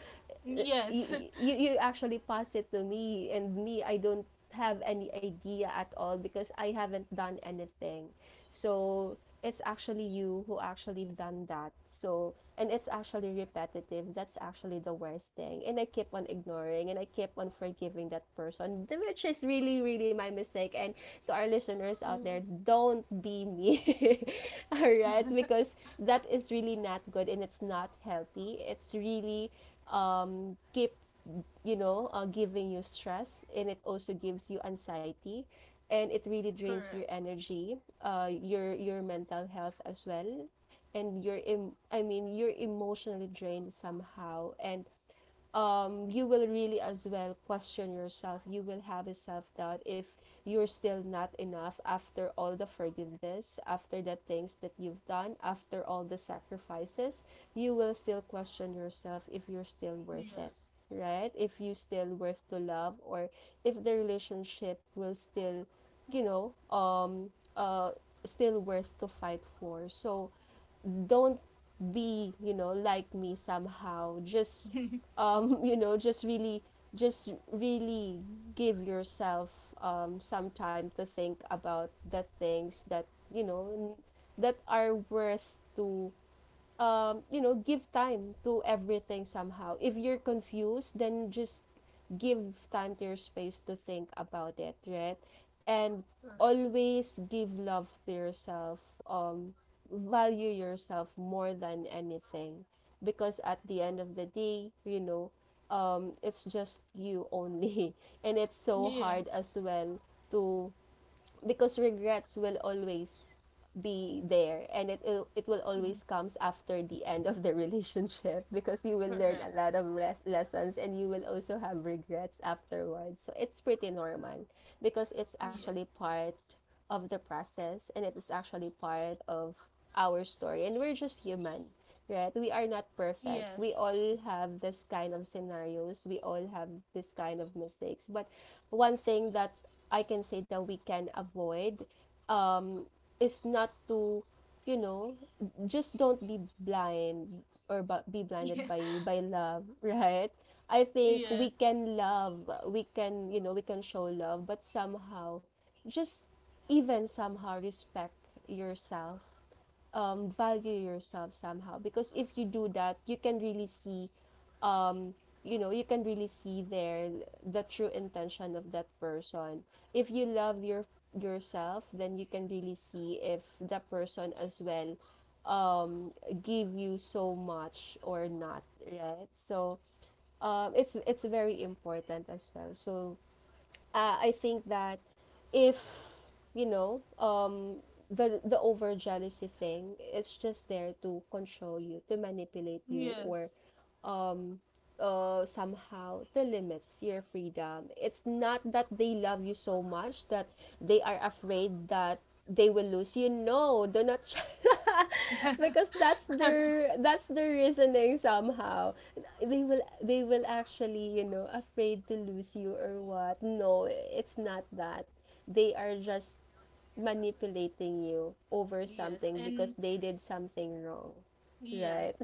uh,
Yes,
you actually pass it to me, and me, I don't have any idea at all because I haven't done anything. So it's actually you who actually done that. So, and it's actually repetitive. That's actually the worst thing. And I keep on ignoring and I keep on forgiving that person, which is really really my mistake. And to our listeners out there,
yes,
don't be me. All right? Because that is really not good and it's not healthy. It's really keep giving you stress, and it also gives you anxiety and it really drains your
correct.
energy, your mental health as well, and your are you're emotionally drained somehow. And you will really as well question yourself. You will have a self doubt if you're still not enough after all the forgiveness, after the things that you've done, after all the sacrifices. You will still question yourself if you're still worth it,
Yes,
right? If you still worth to love, or if the relationship will still, you know, um, uh, still worth to fight for. So don't be like me somehow. Just um you know just really just really give yourself some time to think about the things that you know n- that are worth to, give time to everything somehow. If you're confused, then just give time to your space to think about it, right? And
correct.
always give love to yourself. Um, value yourself more than anything, because at the end of the day, it's just you only, and it's so hard
Yes,
as well to, because regrets will always be there, and it will
Mhm.
always comes after the end of the relationship, because you will learn a
Correct.
lot of lessons and you will also have regrets afterwards. So it's pretty normal because it's actually
Yes,
part of the process, and it is actually part of our story, and we're just human, right? We are not perfect, we
yes,
all have this kind of scenarios, we all have this kind of mistakes. But one thing that I can say that we can avoid, um, is not to, you know, just don't be blind or be blinded by love, right? I think we
yes,
can love, we can, you know, we can show love, but somehow, just even somehow respect yourself, value yourself somehow. Because if you do that, you can really see, um, you know, you can really see there the true intention of that person. If you love your yourself, then you can really see if the person as well um give you so much or not, right? So it's very important as well. So I think that, if you know um the over jealousy thing, it's just there to control you, to manipulate you, or
yes,
um. Somehow the limits your freedom. It's not that they love you so much that they are afraid that they will lose you. No, do not try. Because that's their reasoning somehow. They will actually, you know, afraid to lose you, or what? No, it's not that. They are just manipulating you over
yes,
something because
and
they did something wrong. Right.
Yes.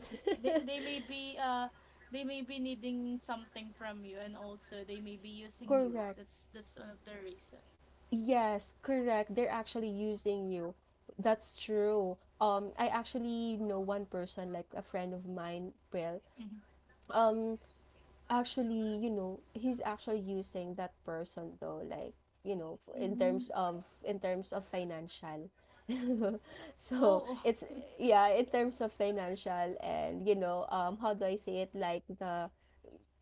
They they may be uh they may be needing something from you, and also they may be using you.
Correct.
That's one of the reason.
Yes, correct. They're actually using you. That's true. I actually know one person, like a friend of mine, Will.
Mm-hmm.
Um, actually, you know, he's actually using that person though, like, you know,
Mm-hmm.
in terms of financial. So
Oh,
it's,
oh.
yeah, in terms of financial. And you know, how do I say it? Like the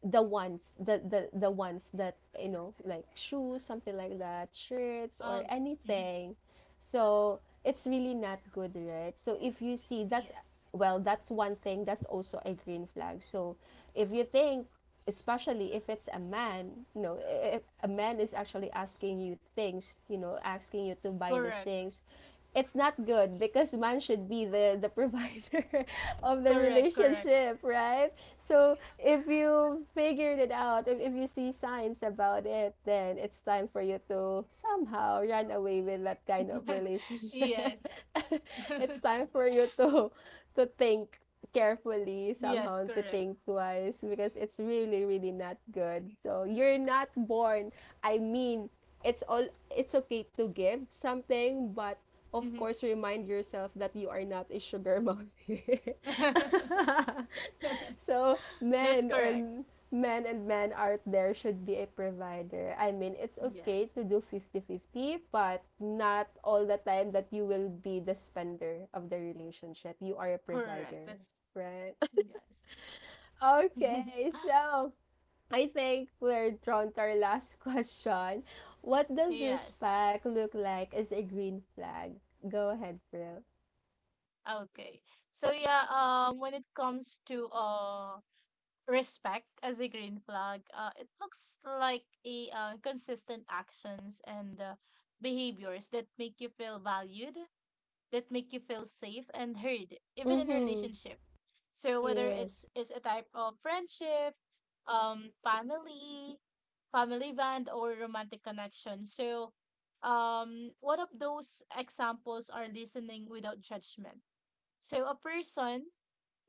the ones that, you know, like shoes, something like that, shirts, or
oh. Mhm.
anything. So it's really not good, right? So if you see that's,
Yes.
well, that's one thing, that's also a green flag. So if you think, especially if it's a man, you know, if a man is actually asking you things, you know, asking you to buy these
Correct.
things, it's not good because man should be the provider of the
Correct, correct.
relationship, right? So if you figured it out, if you see signs about it, then it's time for you to somehow run away with that kind of relationship.
Yes.
It's time for you to think carefully, somehow
Yes,
to
correct.
think twice, because it's really really not good. So you're not born, I mean, it's all it's okay to give something, but of
Mm-hmm.
course remind yourself that you are not a sugar mommy. So men
That's
or
correct.
men and men out there should be a provider. I mean, it's okay to
Yes.
do 50/50, but not all the time that you will be the spender of the relationship. You are a
Correct.
provider,
That's
right?
yes.
Okay, so I think we're drawn to our last question. What does
Yes.
respect look like as a green flag? Go ahead, bro.
Okay. So yeah, when it comes to respect as a green flag, it looks like a consistent actions and behaviors that make you feel valued, that make you feel safe and heard, even in
Mm-hmm.
relationship. So whether it's
Yes.
it's a type of friendship, um family, family band or romantic connection. So one of those examples are listening without judgment so a person,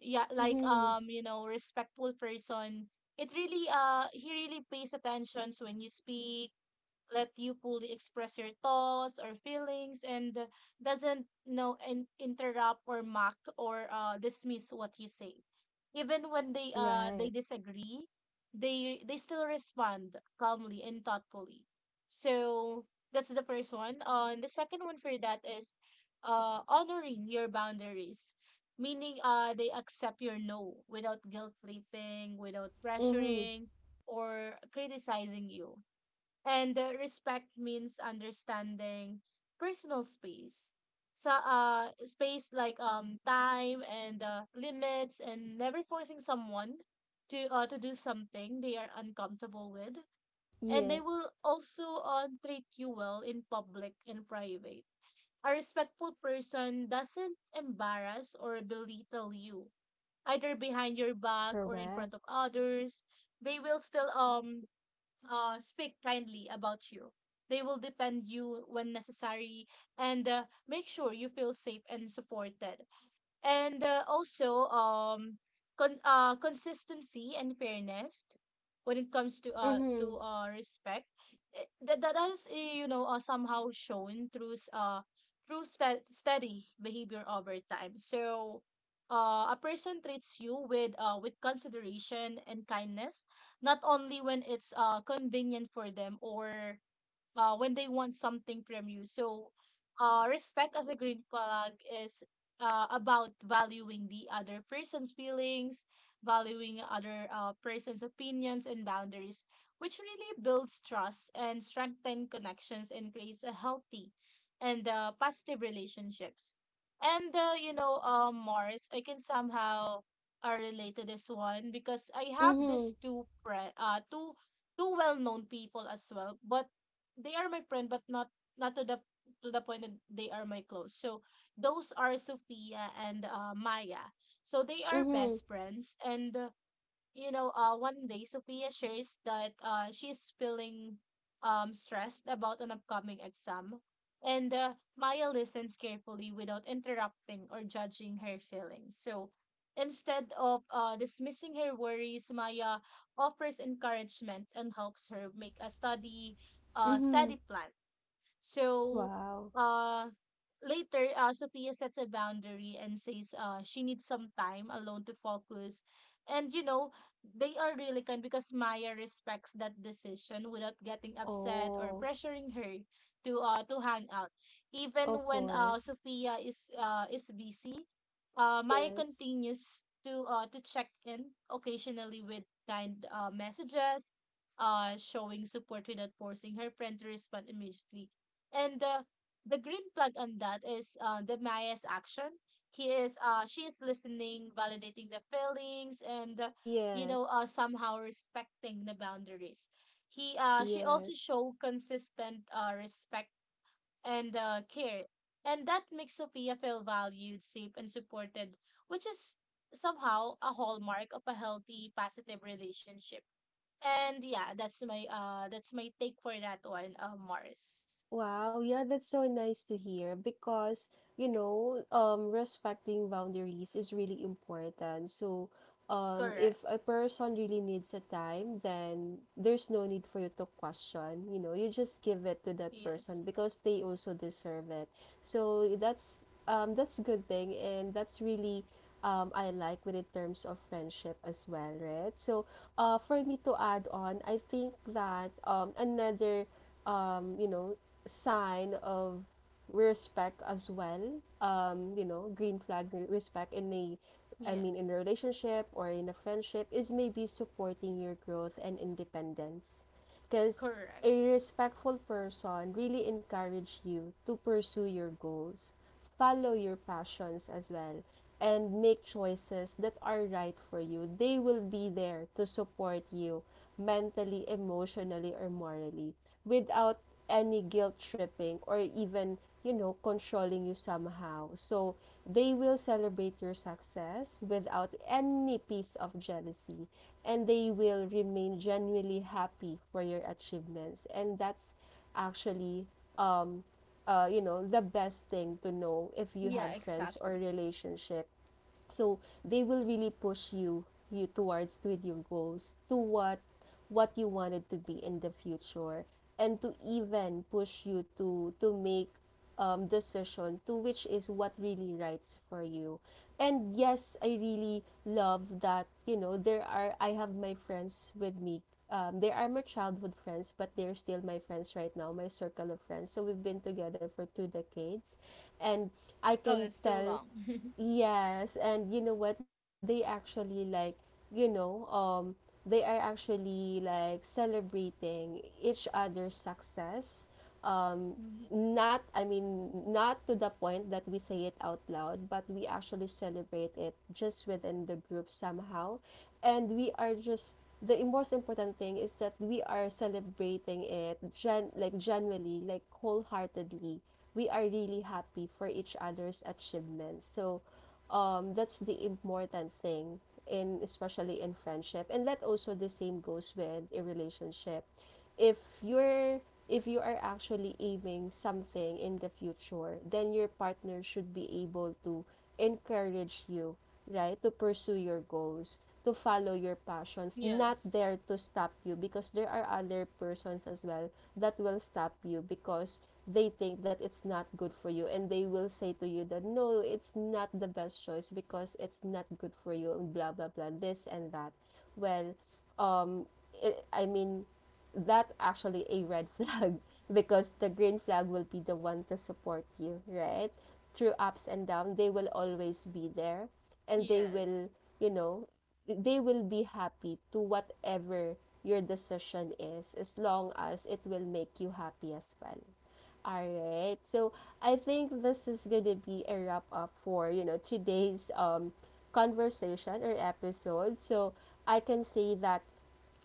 yeah, like
Mm-hmm.
um, you know, respectful person, it really he really pays attentions when you speak, let you fully express your thoughts or feelings and doesn't interrupt or mock or dismiss what you say even when they
Right.
disagree, they still respond calmly and thoughtfully. So that's the first one, and the second one for that is honoring your boundaries, meaning they accept your no without guilt tripping, without
Mm-hmm.
pressuring or criticizing you. And respect means understanding personal space. So, space like time and limits, and never forcing someone to do something they are uncomfortable with. And they
Yes.
will also treat you well in public and private. A respectful person doesn't embarrass or belittle you either behind your back or in front
Correct.
of others. They will still speak kindly about you. They will defend you when necessary, and make sure you feel safe and supported, and also consistency and fairness when it comes to
Mm-hmm.
respect. That is, you know, somehow shown through s- through sta steady behavior over time. So a person treats you with consideration and kindness not only when it's convenient for them or when they want something from you. So, respect as a green flag is about valuing the other person's feelings, valuing other person's opinions and boundaries, which really builds trust and strengthens connections and creates a healthy and positive relationships. And you know, Morris, I can somehow relate to this one because I have
Mm-hmm.
these two pre- two two well-known people as well, but they are my friend but not not to the to the point that they are my close. So those are Sophia and Maya. So they are
Mm-hmm.
best friends and you know, one day Sophia shares that she's feeling stressed about an upcoming exam, and Maya listens carefully without interrupting or judging her feelings. So instead of dismissing her worries, Maya offers encouragement and helps her make a
Mm-hmm.
study plan. So
Wow.
uh later Sophia sets a boundary and says she needs some time alone to focus. And you know, they are really kind because Maya respects that decision without getting upset or
Oh,
pressuring her to hang out. Even
of
when
course.
Sophia is busy, Maya
Yes.
continues to check in occasionally with kind messages, showing support without forcing her friend to respond immediately. And the green flag on that is the Maya's action. He is She is listening, validating the feelings, and you
Yes.
know, somehow respecting the boundaries. He She also
Yes.
show consistent respect and care, and that makes Sophia feel valued, safe, and supported, which is somehow a hallmark of a healthy, positive relationship. And yeah, that's my take for that one, Mars.
Wow, yeah, that's so nice to hear because, you know, respecting boundaries is really important. So,
Correct.
if a person really needs a time, then there's no need for you to question, you know, you just give it to that
Yes.
person because they also deserve it. So that's a good thing, and that's really, I like with in terms of friendship as well, right? So, for me to add on, I think that another, um, you know, sign of respect as well, you know, green flag respect in a, I mean,
Yes.
in a relationship or in a friendship, is maybe supporting your growth and independence, because
Correct.
a respectful person really encourages you to pursue your goals, follow your passions as well, and make choices that are right for you. They will be there to support you mentally, emotionally, or morally, without any guilt tripping, or even, you know, controlling you somehow. So they will celebrate your success without any piece of jealousy, and they will remain genuinely happy for your achievements. And that's actually, um, you know, the best thing to know if you
Yeah,
have friends or
exactly.
relationship. So they will really push you towards with your goals, to what you wanted to be in the future, and to even push you to make, decision to which is what really writes for you. And yes, I really love that. You know, there are, I have my friends with me, they are my childhood friends but they're still my friends right now, my circle of friends. So we've been together for 2 decades, and I
Oh,
can
it's too
tell.
long.
Yes, and you know what? They actually like, you know, they are actually like celebrating each other's success. Um
Mhm.
not, I mean, not to the point that we say it out loud, but we actually celebrate it just within the group somehow. And we are just, the most important thing is that we are celebrating it gen, like genuinely, like wholeheartedly. We are really happy for each other's achievements. So, that's the important thing, in, especially in friendship. And that also the same goes with a relationship. If you're, if you are actually aiming something in the future, then your partner should be able to encourage you, right? To pursue your goals, to follow your passions, not
Yes.
there to stop you, because there are other persons as well that will stop you because they think that it's not good for you, and they will say to you that no, it's not the best choice because it's not good for you and blah blah blah this and that. Well, um it, I mean, that actually a red flag because the green flag will be the one to support you, right? Through ups and downs, they will always be there, and they
Yes.
will, you know, they will be happy to whatever your decision is as long as it will make you happy as well. All right. So I think this is going to be a wrap up for, you know, today's conversation or episode. So I can say that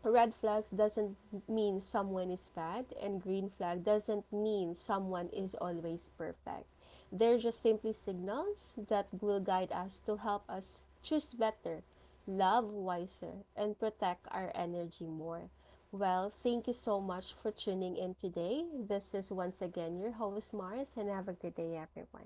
red flags doesn't mean someone is bad, and green flag doesn't mean someone is always perfect. They're just simply signals that will guide us, to help us choose better, love wiser, and protect our energy more. Well, thank you so much for tuning in today. This is once again your host Mars, and have a good day everyone.